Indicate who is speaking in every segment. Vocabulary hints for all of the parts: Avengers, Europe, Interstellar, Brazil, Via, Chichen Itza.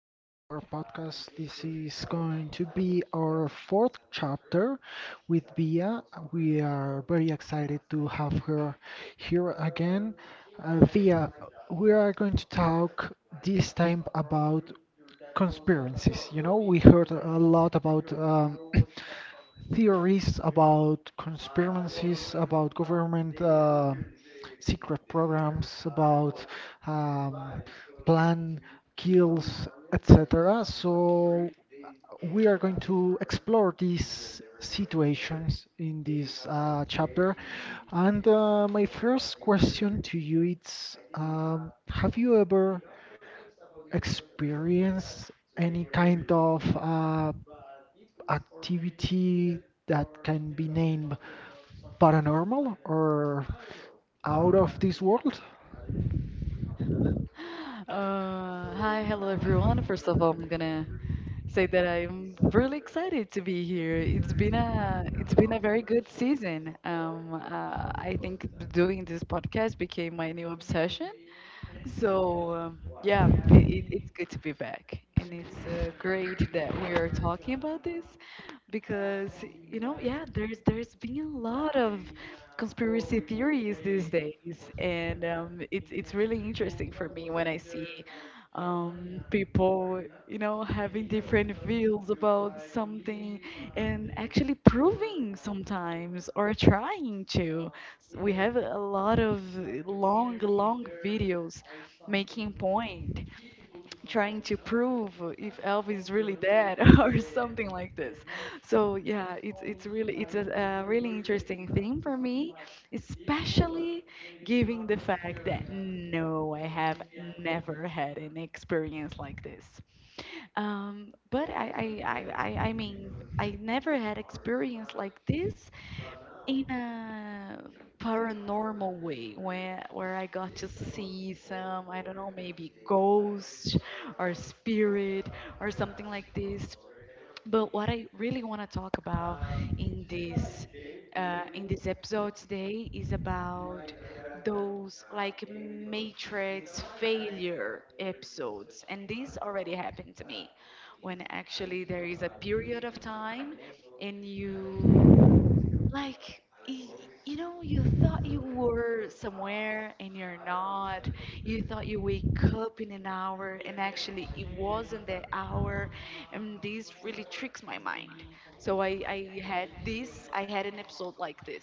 Speaker 1: again to our podcast. This is going to be our fourth chapter with Via. We are very excited to have her here again. Via, we are going to talk this time about conspiracies. We heard a lot about theories about conspiracies, about government. Secret programs about um, plan kills, etc. So we are going to explore these situations in this chapter. And my first question to you is: have you ever experienced any kind of activity that can be named paranormal or out of this world.
Speaker 2: Hi, hello everyone. First of all, I'm gonna say that I'm really excited to be here. It's been a very good season. I think doing this podcast became my new obsession. So, yeah, it's good to be back. And it's great that we are talking about this because, you know, yeah, there's been a lot of conspiracy theories these days. And it's really interesting for me when I see people, you know, having different views about something and actually proving sometimes or trying to. We have a lot of long, long videos making point trying to prove if Elvis is really dead or something like this. So yeah, it's a really interesting thing for me, especially given the fact that no, I have never had an experience like this. But I mean, I never had experience like this in a paranormal way where I got to see some, I don't know, maybe ghost or spirit or something like this. But what I really want to talk about in this in this episode today is about those, like, matrix failure episodes. And this already happened to me when actually there is a period of time and you, like, y- you know, you thought you were somewhere and you're not. You thought you wake up in an hour and actually it wasn't the hour. And this really tricks my mind. So I had this, I had an episode like this,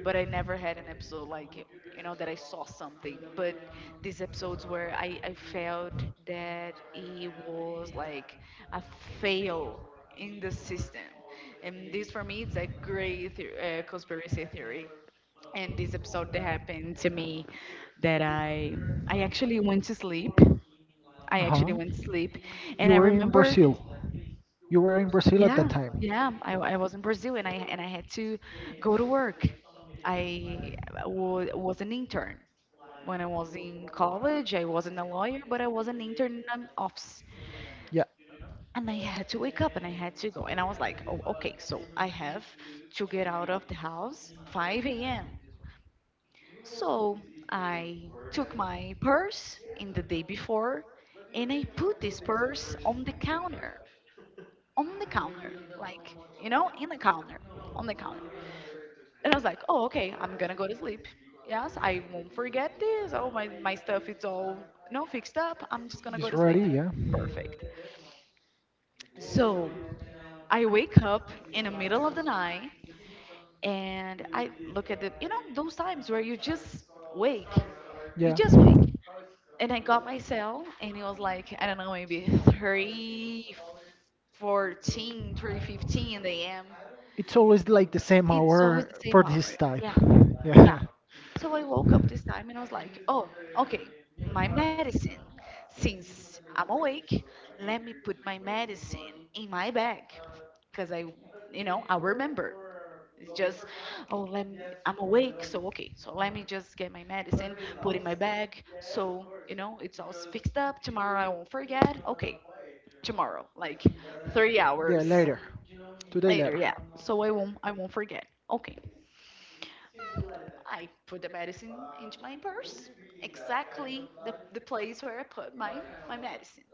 Speaker 2: but I never had an episode like, you know, that I saw something. But these episodes where I felt that it was like a fail in the system, and this for me is a great conspiracy theory. And this episode that happened to me, that I actually went to sleep. I
Speaker 1: Uh-huh.
Speaker 2: actually went to sleep
Speaker 1: You
Speaker 2: and I
Speaker 1: were in
Speaker 2: remembered,
Speaker 1: Brazil. You were in Brazil at
Speaker 2: yeah,
Speaker 1: that time.
Speaker 2: yeah, I was in Brazil, and I had to go to work. I wa was an intern. When I was in college, I wasn't a lawyer, but I was an intern in an office.
Speaker 1: Yeah,
Speaker 2: And I had to wake up and I had to go. And I was like, oh, okay, so I have to get out of the house 5 a.m. So I took my purse in the day before and I put this purse on the counter. On the counter. Like, you know, in the counter. On the counter. And I was like, oh, okay, I'm gonna go to sleep. Yes, I won't forget this. Oh, my stuff is all, no, fixed up. I'm just gonna
Speaker 1: it's
Speaker 2: go to
Speaker 1: ready.
Speaker 2: sleep.
Speaker 1: Yeah,
Speaker 2: Perfect. So I wake up in the middle of the night and I look at the, you know, those times where you just wake. You
Speaker 1: yeah.
Speaker 2: just wake. And I got my cell, and it was like, I don't know, maybe 3, 14, 3:15 in the AM.
Speaker 1: It's always like the same
Speaker 2: It's always
Speaker 1: hour
Speaker 2: the
Speaker 1: for
Speaker 2: same hour.
Speaker 1: this type.
Speaker 2: Yeah,
Speaker 1: Yeah,
Speaker 2: yeah. So I woke up this time and I was like, oh, okay, my medicine. Since I'm awake, let me put my medicine in my bag because I, you know, I remember. It's just, oh, let me, I'm awake, so okay, so let me just get my medicine, put in my bag, so you know it's all fixed up. Tomorrow I won't forget. Okay, tomorrow, like three
Speaker 1: yeah.
Speaker 2: hours
Speaker 1: Later, today
Speaker 2: later,
Speaker 1: later.
Speaker 2: yeah. So I won't forget. Okay, I put the medicine into my purse, exactly the place where I put my medicine,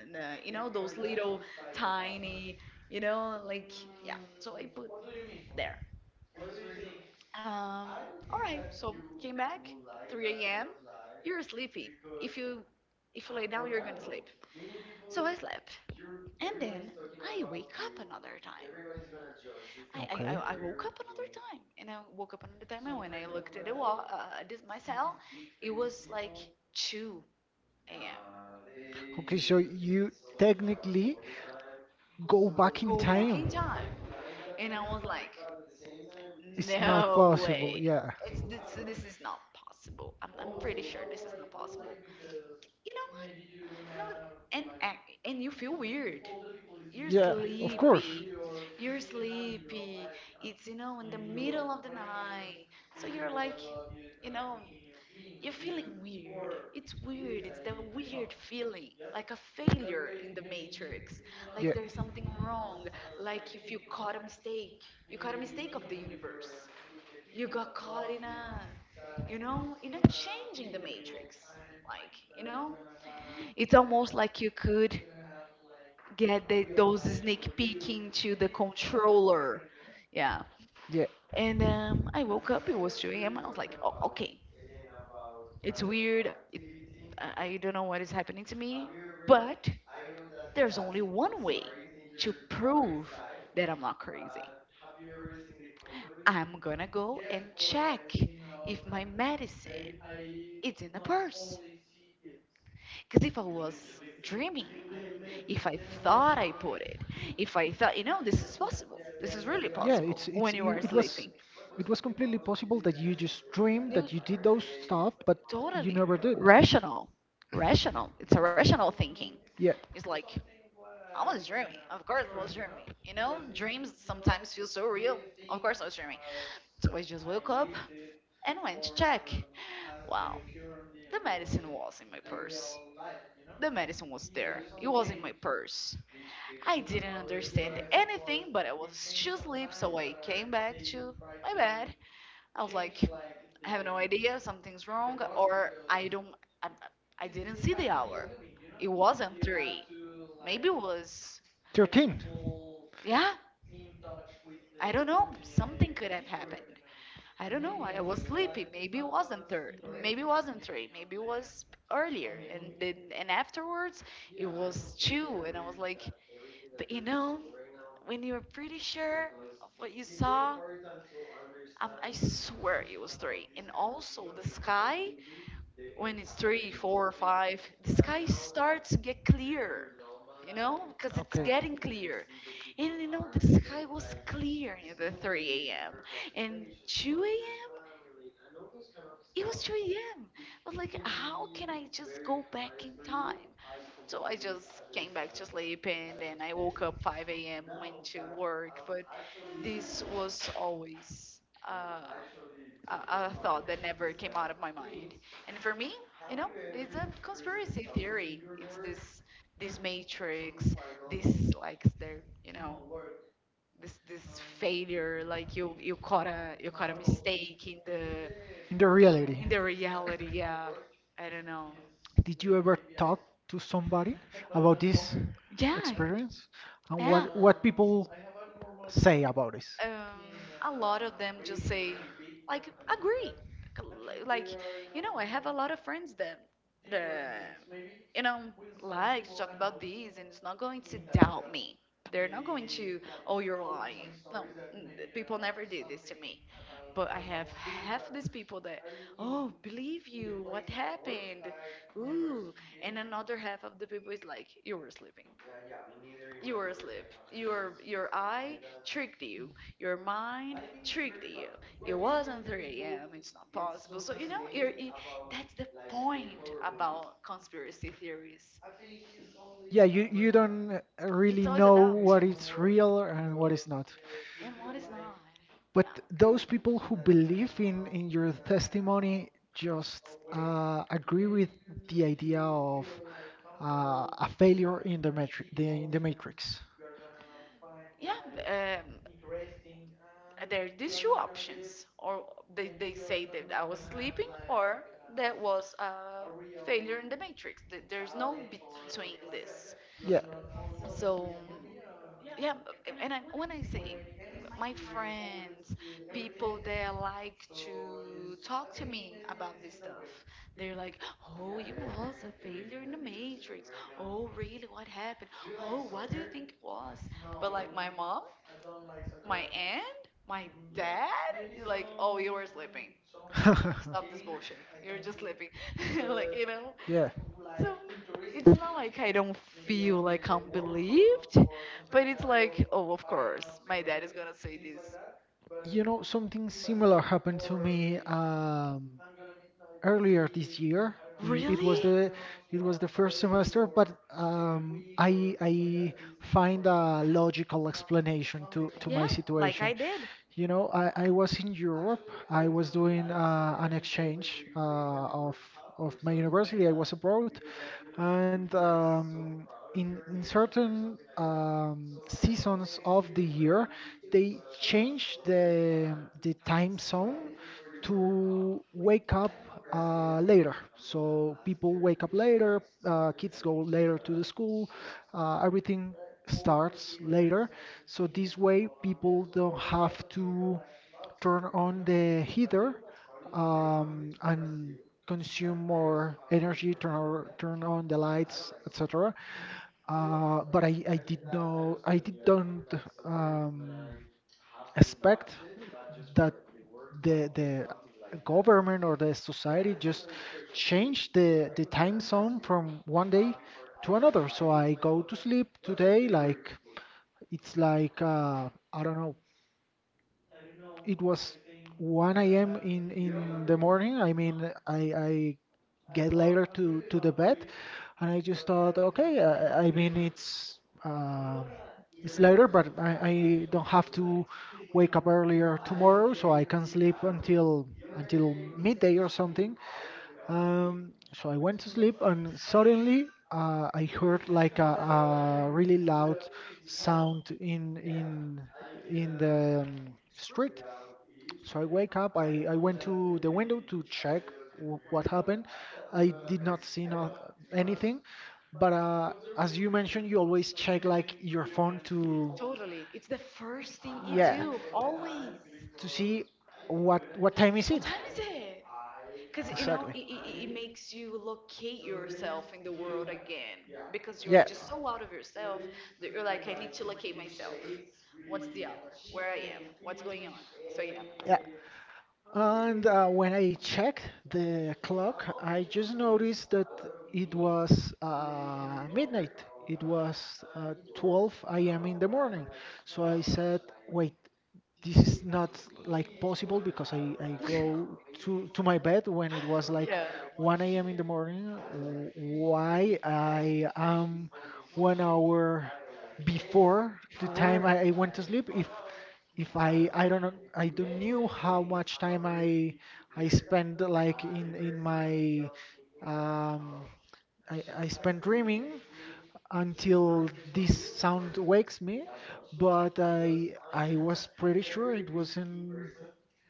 Speaker 2: and you know those little tiny, you know, like yeah. So I put there. Um, all right, so came back, 3 a.m. You're sleepy. If you if you lay down, you're gonna sleep. So I slept, and then I wake up another time. I I, I
Speaker 1: Okay.
Speaker 2: I woke up another time, and I woke up another time, and when I looked at the wall, at this my cell, it was like 2 a.m,
Speaker 1: Okay, so you technically go back in
Speaker 2: go back in
Speaker 1: time.
Speaker 2: time. And I was like,
Speaker 1: It's not
Speaker 2: no
Speaker 1: possible.
Speaker 2: way.
Speaker 1: Yeah.
Speaker 2: This is not possible. I'm pretty sure this is not possible. You know what? No, and and you feel weird. You're
Speaker 1: Yeah, of course.
Speaker 2: sleepy.
Speaker 1: You
Speaker 2: You're sleepy. It's, you know, in the middle of the night. So you're like, you know, you're feeling weird. It's weird. It's that weird feeling, like a failure in the matrix, like
Speaker 1: Yeah.
Speaker 2: there's something wrong, like if you caught a mistake, you caught a mistake of the universe. You got caught in a, you know, in a change in the matrix. Like, you know, it's almost like you could get the, those sneak peek into the controller. Yeah.
Speaker 1: Yeah.
Speaker 2: And I woke up. It was 2 a.m. I was like, oh, okay, it's weird. I don't know what is happening to me, but there's only one way to prove that I'm not crazy. I'm gonna go and check if my medicine is in the purse. Because if I was dreaming, if I thought I put it, if I thought, you know, this is possible, this is really
Speaker 1: Yeah,
Speaker 2: possible when you are
Speaker 1: it was
Speaker 2: sleeping.
Speaker 1: it was completely possible that you just dreamed
Speaker 2: You
Speaker 1: that you did those stuff, but you
Speaker 2: totally
Speaker 1: never did.
Speaker 2: rational, rational. It's a rational thinking.
Speaker 1: Yeah,
Speaker 2: It's like I was dreaming. Of course, I was dreaming. You know, dreams sometimes feel so real. Of course, I was dreaming. So I just woke up and went to check. Wow, the medicine was in my purse. The medicine was there. It was in my purse. I didn't understand anything, but I was too asleep, so I came back to my bed. I was like, I have no idea, something's wrong, or I don't, I, I didn't see the hour. It wasn't three. Maybe it was,
Speaker 1: 13.
Speaker 2: yeah, I don't know. Something could have happened. I don't know. I was sleepy. Maybe it wasn't third. Maybe it wasn't three. Maybe it was earlier. And then, and afterwards, it was two. And I was like, but you know, when you were pretty sure of what you saw, I swear it was three. And also the sky, when it's three, four, five, the sky starts to get clear. You know, because it's
Speaker 1: Okay.
Speaker 2: getting clear, and you know the sky was clear at the 3 a.m and 2 a.m. It was 2 a.m. I was like, how can I just go back in time? So I just came back to sleep and then I woke up 5 a.m., went to work. But this was always uh, a thought that never came out of my mind. And for me, you know, it's a conspiracy theory. It's this matrix, this like their, you know, this failure, like you caught a, you caught a mistake in the,
Speaker 1: In the
Speaker 2: in
Speaker 1: reality,
Speaker 2: the reality, yeah, I don't know.
Speaker 1: did you ever talk to somebody about this
Speaker 2: Yeah.
Speaker 1: experience and
Speaker 2: Yeah.
Speaker 1: what people say about this?
Speaker 2: um a lot of them just say, like, agree, like, you know, I have a lot of friends that, you know, like to talk about these, and it's not going to doubt me. They're not going to, oh, you're lying. No, people never did this to me. But I have half these people that, oh, believe you, what happened? Ooh. And another half of the people is like, you were sleeping. You were asleep. Your eye tricked you. Your mind tricked you. It wasn't 3 a.m. It's not possible. So you know, you, that's the point about conspiracy theories.
Speaker 1: Yeah, you don't really
Speaker 2: It's always a
Speaker 1: know
Speaker 2: doubt,
Speaker 1: what is real and what is not.
Speaker 2: and what is not.
Speaker 1: But those people who believe in your testimony just agree with the idea of
Speaker 2: Yeah.
Speaker 1: a failure in the matrix, in the matrix.
Speaker 2: Yeah, um, there are these two options, or they say that I was sleeping, or that was a failure in the matrix. There's no between this.
Speaker 1: Yeah.
Speaker 2: So, yeah. And I when I say my friends, people that like to talk to me about this stuff, they're like, oh, you was a failure in the matrix, oh really, what happened, oh what do you think it was. But like my mom, my aunt, my dad is like, oh you were sleeping, stop this bullshit, you're just sleeping like, you know.
Speaker 1: Yeah.
Speaker 2: So it's not like I don't feel like I'm believed, but it's like, oh of course my dad is gonna say this.
Speaker 1: Something similar happened to me earlier this year. I- It was
Speaker 2: Really.
Speaker 1: the it was the first semester, but I I find a logical explanation to my
Speaker 2: Yeah, like
Speaker 1: situation.
Speaker 2: I did.
Speaker 1: I was in Europe. I was doing an exchange of my university. I was abroad, and in certain seasons of the year, they change the time zone to wake up later. So people wake up later. Kids go later to the school. Everything starts later. So this way, people don't have to turn on the heater and consume more energy, turn on the lights, etc. But I did know I did don't um, expect that the government or the society just change the time zone from one day to another. So I go to sleep today like it's like I don't know it was 1 a.m. in the morning. I mean, I I get later to the bed, and I just thought, okay, I mean, uh, it's later, but I don't have to wake up earlier tomorrow, so I can sleep until midday or something. So I went to sleep, and suddenly I heard like a really loud sound in the street. So I wake up. I went to the window to check w what happened. I did not see no, anything, but as you mentioned, you always check like your phone to.
Speaker 2: Totally, it's the first thing you
Speaker 1: Yeah,
Speaker 2: do always.
Speaker 1: to see what time is it
Speaker 2: What time is it? Because you know,
Speaker 1: exactly.
Speaker 2: it makes you locate yourself in the world again, because you're
Speaker 1: Yeah,
Speaker 2: just so out of yourself that you're like, I need to locate myself. What's the hour? Where I am? What's going on? So yeah,
Speaker 1: yeah. And when I checked the clock, I just noticed that it was midnight. It was 12 a.m. in the morning. So I said, wait, this is not like possible because I go to my bed when it was like
Speaker 2: yeah.
Speaker 1: 1 a.m. in the morning, w- why I am 1 hour before the time
Speaker 2: Before,
Speaker 1: I went to sleep. If I don't know I don't knew how much time I spend like in my um I spend dreaming until this sound wakes me, but I was pretty sure it was in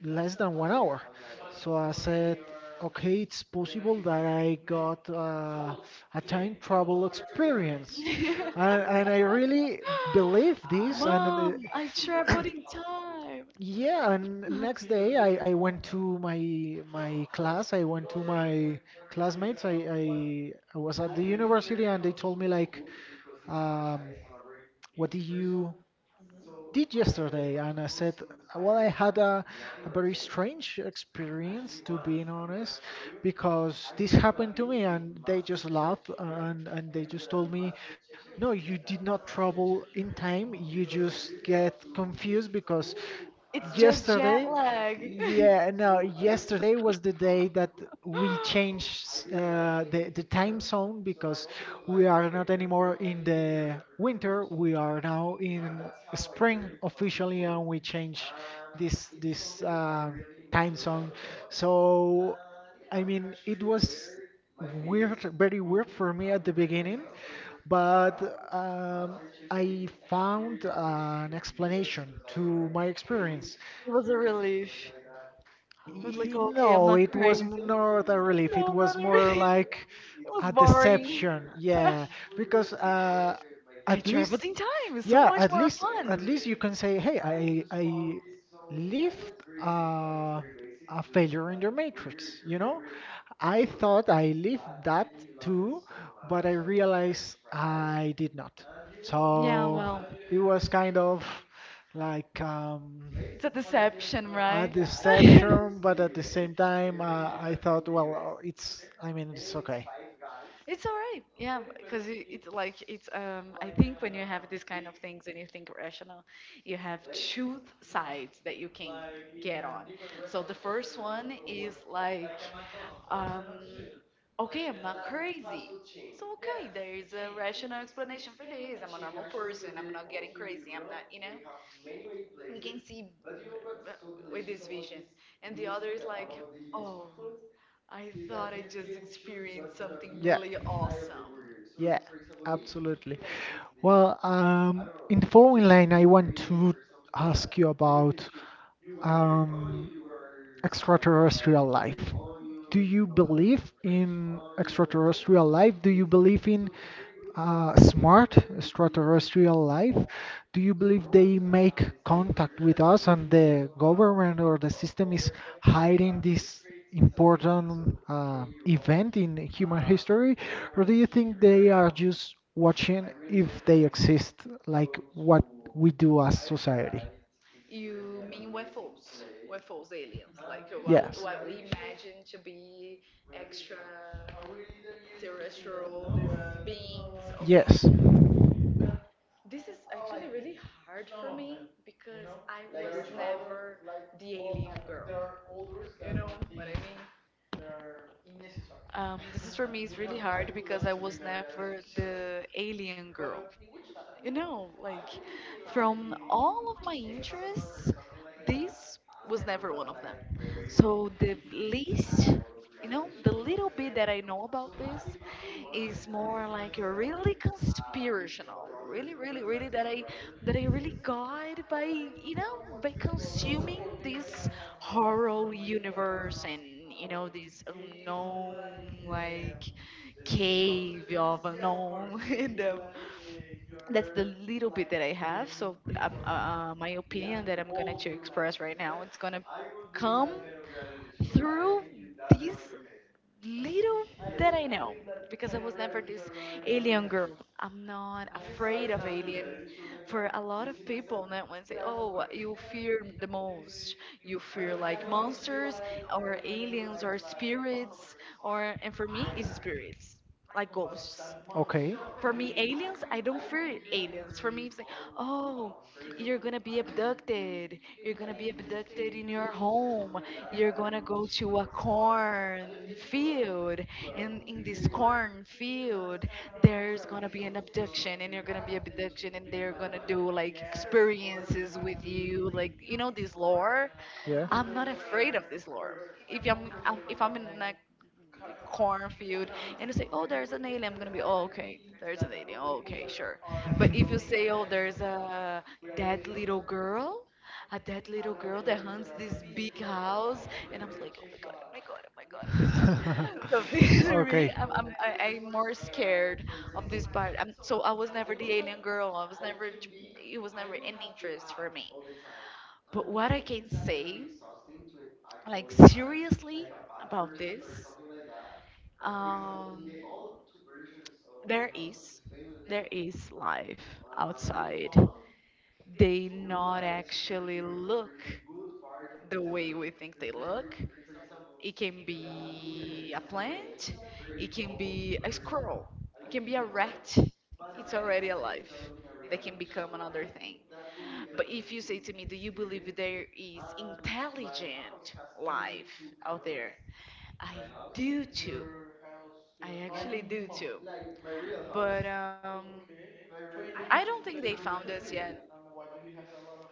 Speaker 1: less than 1 hour. So I said, okay, it's possible that I got a time travel experience, and I really believe this. And,
Speaker 2: mom, I traveled in time.
Speaker 1: yeah, and next day I went to my class. I went to my classmates. I was at the university, and they told me like um, what did you did yesterday? And I said, well, I had a very strange experience, to be honest, because this happened to me, and they just laughed, and they just told me, no, you did not travel in time. You just get confused because
Speaker 2: It's just jet
Speaker 1: yesterday,
Speaker 2: lag.
Speaker 1: yeah, no, yesterday was the day that we changed the time zone because we are not anymore in the winter, we are now in spring officially, and we change this time zone. So, I mean, it was weird, very weird for me at the beginning but um, I found an explanation to my experience.
Speaker 2: It was a relief. I was like, okay, I'm
Speaker 1: No,
Speaker 2: not
Speaker 1: it was
Speaker 2: crazy.
Speaker 1: not a relief. It
Speaker 2: No,
Speaker 1: was
Speaker 2: not
Speaker 1: more
Speaker 2: really.
Speaker 1: like
Speaker 2: It
Speaker 1: a
Speaker 2: was boring.
Speaker 1: deception. Yeah, because at
Speaker 2: I
Speaker 1: least,
Speaker 2: traveled in time. It's so
Speaker 1: yeah,
Speaker 2: much more
Speaker 1: at
Speaker 2: fun.
Speaker 1: least you can say, hey, I lived uh, a failure in the matrix. I thought I lived that too, but I realized I did not.
Speaker 2: Yeah,
Speaker 1: So
Speaker 2: well,
Speaker 1: it was kind of like
Speaker 2: it's a deception,
Speaker 1: a
Speaker 2: right?
Speaker 1: deception, but at the same time, I thought, well, I mean, it's okay.
Speaker 2: It's all right, yeah, because it's like it's I think when you have these kind of things and you think rational, you have two sides that you can get on. So the first one is like um okay, I'm not crazy. So, okay, there is a rational explanation for this. I'm a normal person. I'm not getting crazy. I'm not, you know. We can see b- with this vision. And the other is like, oh, I thought I just experienced something
Speaker 1: Yeah,
Speaker 2: really awesome.
Speaker 1: yeah, absolutely. Well, in the following line, I want to ask you about um, extraterrestrial life. Do you believe in extraterrestrial life? Do you believe in smart extraterrestrial life? Do you believe they make contact with us and the government or the system is hiding this important event in human
Speaker 2: Yeah,
Speaker 1: history? Or do you
Speaker 2: okay.
Speaker 1: think they are just watching if they exist, like what we do as society?
Speaker 2: You mean UFOs, aliens, like what,
Speaker 1: Yes.
Speaker 2: what we imagine to be extra terrestrial, these beings. Okay,
Speaker 1: Yes.
Speaker 2: this is actually really hard for me because I was never the alien girl. You know what I mean? This is for me is really hard because I was never the alien girl, you know, like from all of my interests, this was never one of them. So the least, you know, the little bit that I know about this is more like a really conspirational, really, really, really that I really got, by you know, by consuming this horror universe and you know this unknown, like, cave of unknown, and that's the little bit that I have. So my opinion that I'm gonna to express right now, it's gonna come through these little that I know because I was never this alien girl. I'm not afraid of alien. For a lot of people, that one say, "Oh, what you fear the most. You fear like monsters or aliens or spirits." Or, and for me it's spirits, like ghosts.
Speaker 1: Okay.
Speaker 2: For me aliens, I don't fear aliens. For me it's like, oh, you're gonna be abducted, you're gonna be abducted in your home, you're gonna go to a corn field, and in this corn field there's gonna be an abduction and you're gonna be abduction and they're gonna do like experiences with you, like, you know, this lore.
Speaker 1: Yeah.
Speaker 2: I'm not afraid of this lore. If I'm in a the cornfield and you say, oh, there's an alien, I'm gonna be, oh, okay, there's an alien, oh, okay, sure. But if you say, oh, there's a dead little girl, a dead little girl that hunts this big house, and I'm like, oh my god, oh my god, oh my god, oh my god. So this for me,
Speaker 1: Okay.
Speaker 2: I'm more scared of this part. I so I was never the alien girl. I was never, it was never an interest for me. But what I can say, like, seriously about this, um, there is there is life outside. They not actually look the way we think they look. It can be a plant. It can be a squirrel. It can be a rat. It's already alive. They can become another thing. But if you say to me, do you believe there is intelligent life out there? I do too. I actually do too. But I don't think they found us yet.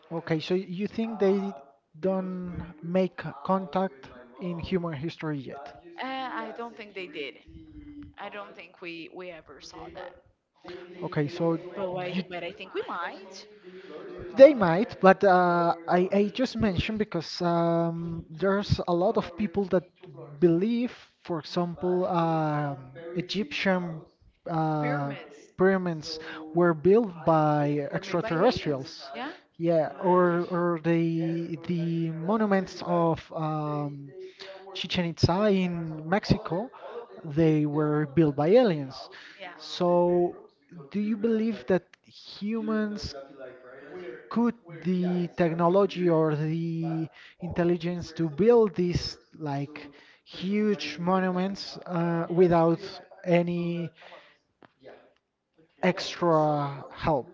Speaker 1: Okay, so you think they don't make contact in human history yet?
Speaker 2: Uh, I don't think they did. I don't think we ever saw that.
Speaker 1: Okay, so
Speaker 2: But I but
Speaker 1: you
Speaker 2: I think we might.
Speaker 1: they might, but I just mentioned because there's a lot of people that believe, for example, Egyptian uh,
Speaker 2: Pyramids
Speaker 1: pyramids were built by
Speaker 2: were made by aliens.
Speaker 1: extraterrestrials.
Speaker 2: Yeah,
Speaker 1: Yeah, or the monuments of Chichen Itza in Mexico, they were built by aliens.
Speaker 2: yeah,
Speaker 1: So, do you believe that humans could the technology or the intelligence to build these like huge monuments without any extra help?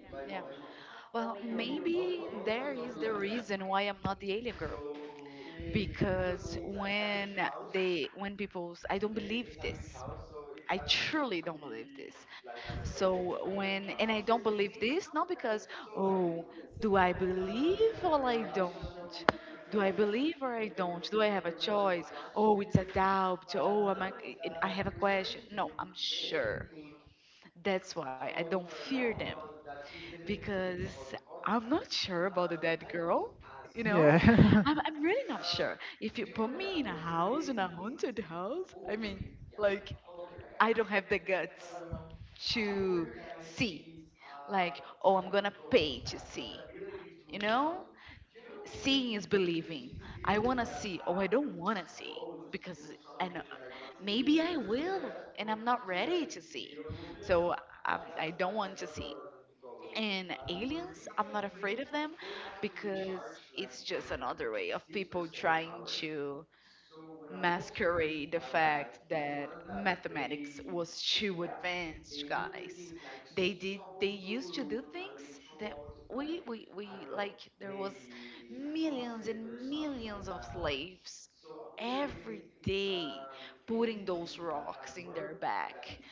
Speaker 2: yeah. Well, maybe there is the reason why I'm not the alien girl. Because when people I don't believe this. I truly don't believe this. So when, and I don't believe this, not because, oh, do I believe or I don't? Do I believe or I don't? Do I have a choice? Oh, it's a doubt. Oh, I have a question. No, I'm sure. That's why I don't fear them because I'm not sure about the dead girl. You know,
Speaker 1: Yeah.
Speaker 2: I'm really not sure. If you put me in a house, in a haunted house, I mean, like, I don't have the guts to see. Like, oh, I'm gonna pay to see. You know, seeing is believing. I wanna see. Oh, I don't wanna see because I know maybe I will, and I'm not ready to see. So I don't want to see. And aliens, I'm not afraid of them because it's just another way of people trying to masquerade the fact that mathematics was too advanced, guys. They did they used to do things that we, like, there was millions and millions of slaves every day putting those rocks in their back,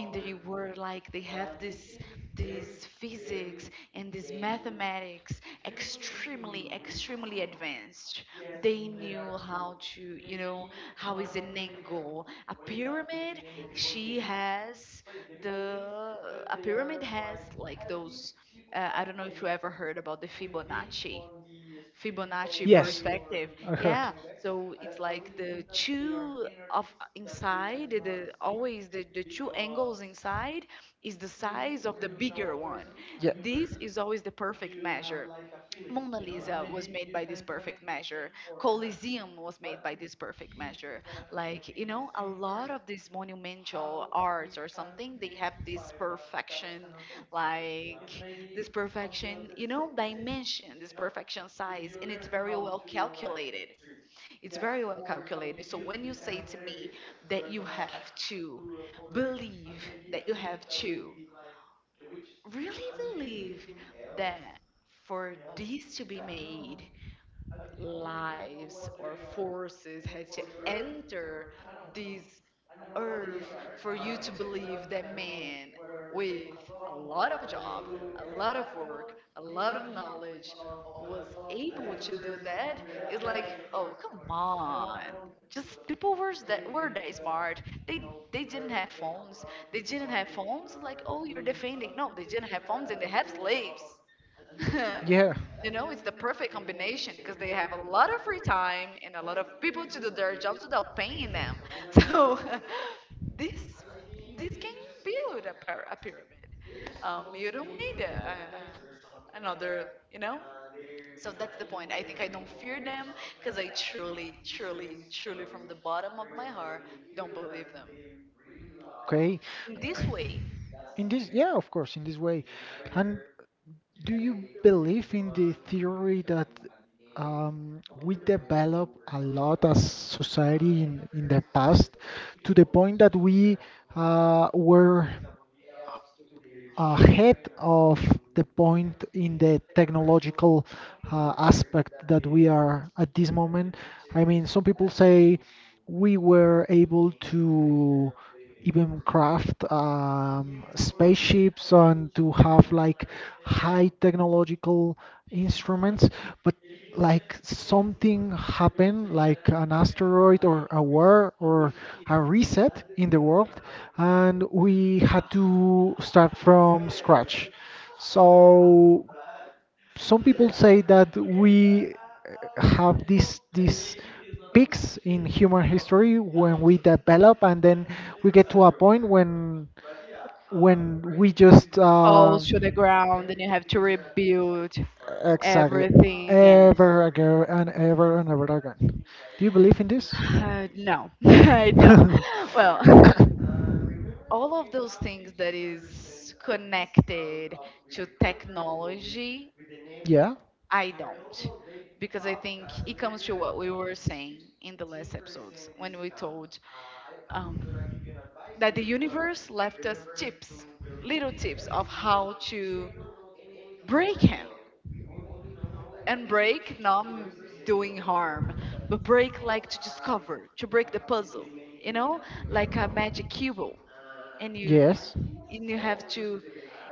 Speaker 2: and they were like they have this this physics and this mathematics extremely extremely advanced. They knew how to, you know, how is an angle a pyramid. She has the a pyramid has like those. I don't know if you ever heard about the Fibonacci. Fibonacci
Speaker 1: Yes,
Speaker 2: perspective.
Speaker 1: I heard.
Speaker 2: Yeah, so it's like the two angles inside is the size of the bigger one.
Speaker 1: Yeah,
Speaker 2: This is always the perfect measure. Mona Lisa was made by this perfect measure. Colosseum was made by this perfect measure. Like, you know, a lot of these monumental arts or something, they have this perfection, like, this perfection, you know, dimension, this perfection size, and it's very well calculated. It's very well calculated. So when you say to me that you have to believe, that you have to really believe that for these to be made, lives or forces had to enter these earth for you to believe that man with a lot of job, a lot of work, a lot of knowledge was able to do that, is like, oh, come on. Just people were that smart. They they didn't have phones. They didn't have phones. Like, oh, you're defending. No, they didn't have phones and they have slaves.
Speaker 1: yeah.
Speaker 2: You know, it's the perfect combination because they have a lot of free time and a lot of people to do their jobs without paying them. So this this can build a, a pyramid. You don't need a, another, you know. So that's the point. I think I don't fear them because I truly, truly, truly, from the bottom of my heart, don't believe them.
Speaker 1: Okay.
Speaker 2: In this way,
Speaker 1: Yeah, of course, in this way, and do you believe in the theory that we develop a lot as society in the past to the point that we were ahead of the point in the technological aspect that we are at this moment. I mean, some people say we were able to even craft spaceships and to have like high technological instruments, but like something happened, like an asteroid or a war or a reset in the world, and we had to start from scratch. So some people say that we have these peaks in human history when we develop and then we get to a point when we just
Speaker 2: falls to the ground and you have to rebuild
Speaker 1: exactly,
Speaker 2: everything again.
Speaker 1: ever again and ever again. Do you believe in this?
Speaker 2: No, I don't. Well, all of those things that is connected to technology,
Speaker 1: Yeah.
Speaker 2: I don't. Because I think it comes to what we were saying in the last episodes when we told um, that the universe left us tips, little tips of how to break him. And break, not doing harm, but break like to discover, to break the puzzle, you know, like a magic cube. And you
Speaker 1: Yes.
Speaker 2: and you have to,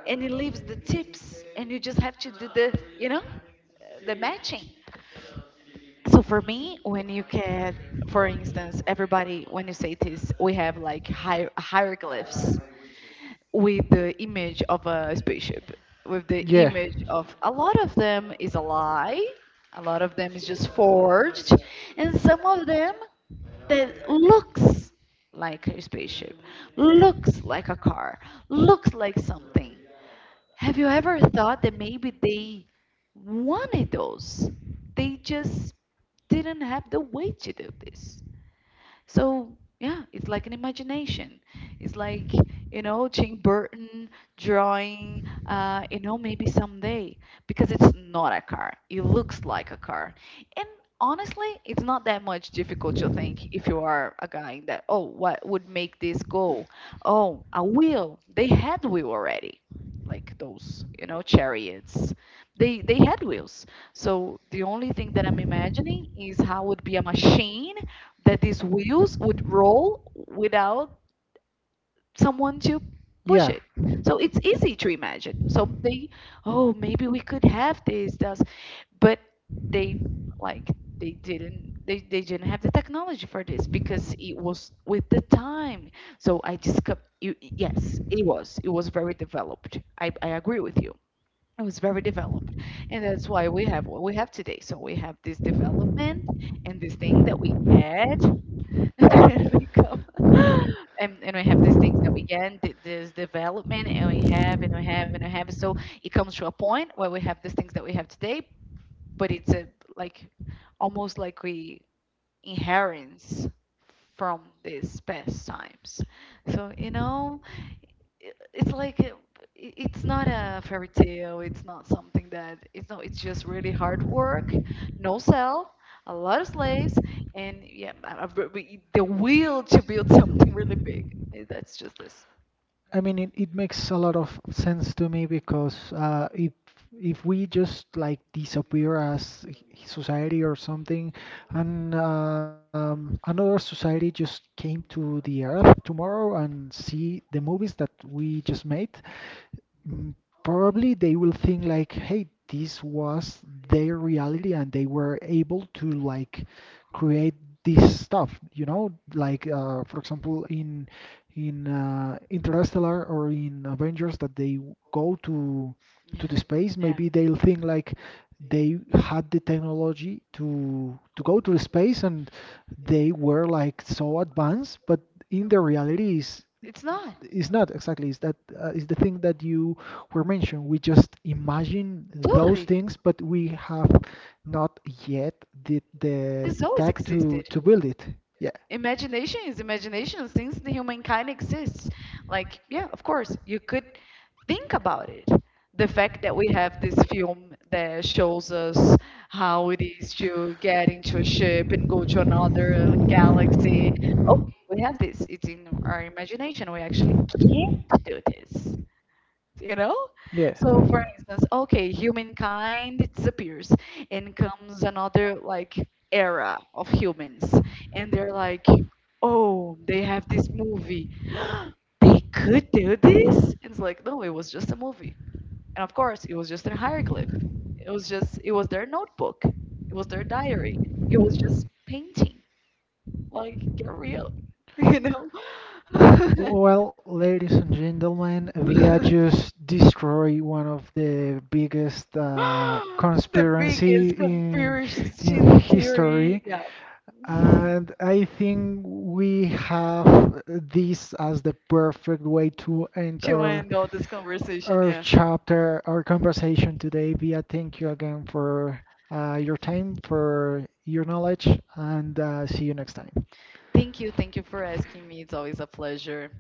Speaker 2: and it leaves the tips and you just have to do the, you know, the matching. So for me, when you can, for instance, everybody, when you say this, we have like hieroglyphs with the image of a spaceship, with the
Speaker 1: Yeah.
Speaker 2: image of, a lot of them is a lie, a lot of them is just forged, and some of them that looks like a spaceship, looks like a car, looks like something. Have you ever thought that maybe they wanted those? They just didn't have the way to do this. So yeah, it's like an imagination. It's like, you know, Jane Burton drawing, you know, maybe someday because it's not a car. It looks like a car. And honestly, it's not that much difficult to think if you are a guy that, oh, what would make this go? Oh, a wheel. They had wheel already. Like those, you know, chariots. They had wheels. So the only thing that I'm imagining is how would be a machine that these wheels would roll without someone to push
Speaker 1: Yeah.
Speaker 2: it. So it's easy to imagine. So they, oh, maybe we could have this, this, but they, like, they didn't have the technology for this because it was with the time. So I just, you, yes, it was. It was very developed. I agree with you. It was very developed. And that's why we have what we have today. So we have this development and this thing that we get. There we go. And we have these things that we get, this development, and we have and we have and we have. So it comes to a point where we have these things that we have today, but it's a like almost like we inheritance from these past times. So you know, it's like it's not a fairy tale, it's not something that, it's not, it's just really hard work, no cell, a lot of slaves, and yeah, the will to build something really big. Eh, that's just this,
Speaker 1: I mean, it makes a lot of sense to me because if we just like disappear as society or something, and another society just came to the Earth tomorrow and see the movies that we just made, Mm, probably they will think like, hey, this was their reality and they were able to like create this stuff, like for example in Interstellar or in Avengers that they go to
Speaker 2: yeah,
Speaker 1: the space,
Speaker 2: yeah,
Speaker 1: maybe they'll think like they had the technology to go to the space and they were like so advanced, but in the reality is
Speaker 2: it's not
Speaker 1: it's not exactly, it's the thing that you were mentioned, we just imagine those
Speaker 2: totally,
Speaker 1: things but we have not yet did the
Speaker 2: this always
Speaker 1: tag to
Speaker 2: existed.
Speaker 1: to build it. Yeah,
Speaker 2: Imagination is imagination since the humankind exists. Like, yeah, of course, you could think about it. The fact that we have this film that shows us how it is to get into a ship and go to another galaxy. Oh, we have this. It's in our imagination. We actually can't do this, you know.
Speaker 1: yeah.
Speaker 2: So for instance, okay, humankind disappears and comes another like era of humans and they're like, oh, they have this movie, they could do this, and it's like, no, it was just a movie. And of course, it was just a hieroglyph, it was just, it was their notebook, it was their diary, it was just painting, like, get real. You know.
Speaker 1: Well, ladies and gentlemen, Via just destroy one of the biggest
Speaker 2: The
Speaker 1: conspiracy
Speaker 2: biggest
Speaker 1: in
Speaker 2: conspiracy theory.
Speaker 1: history.
Speaker 2: Yeah.
Speaker 1: And I think we have this as the perfect way to end
Speaker 2: To
Speaker 1: our
Speaker 2: end all this conversation.
Speaker 1: our
Speaker 2: Yeah.
Speaker 1: chapter, our conversation today. Via, thank you again for your time, for your knowledge, and see you next time.
Speaker 2: Thank you. Thank you for asking me. It's always a pleasure.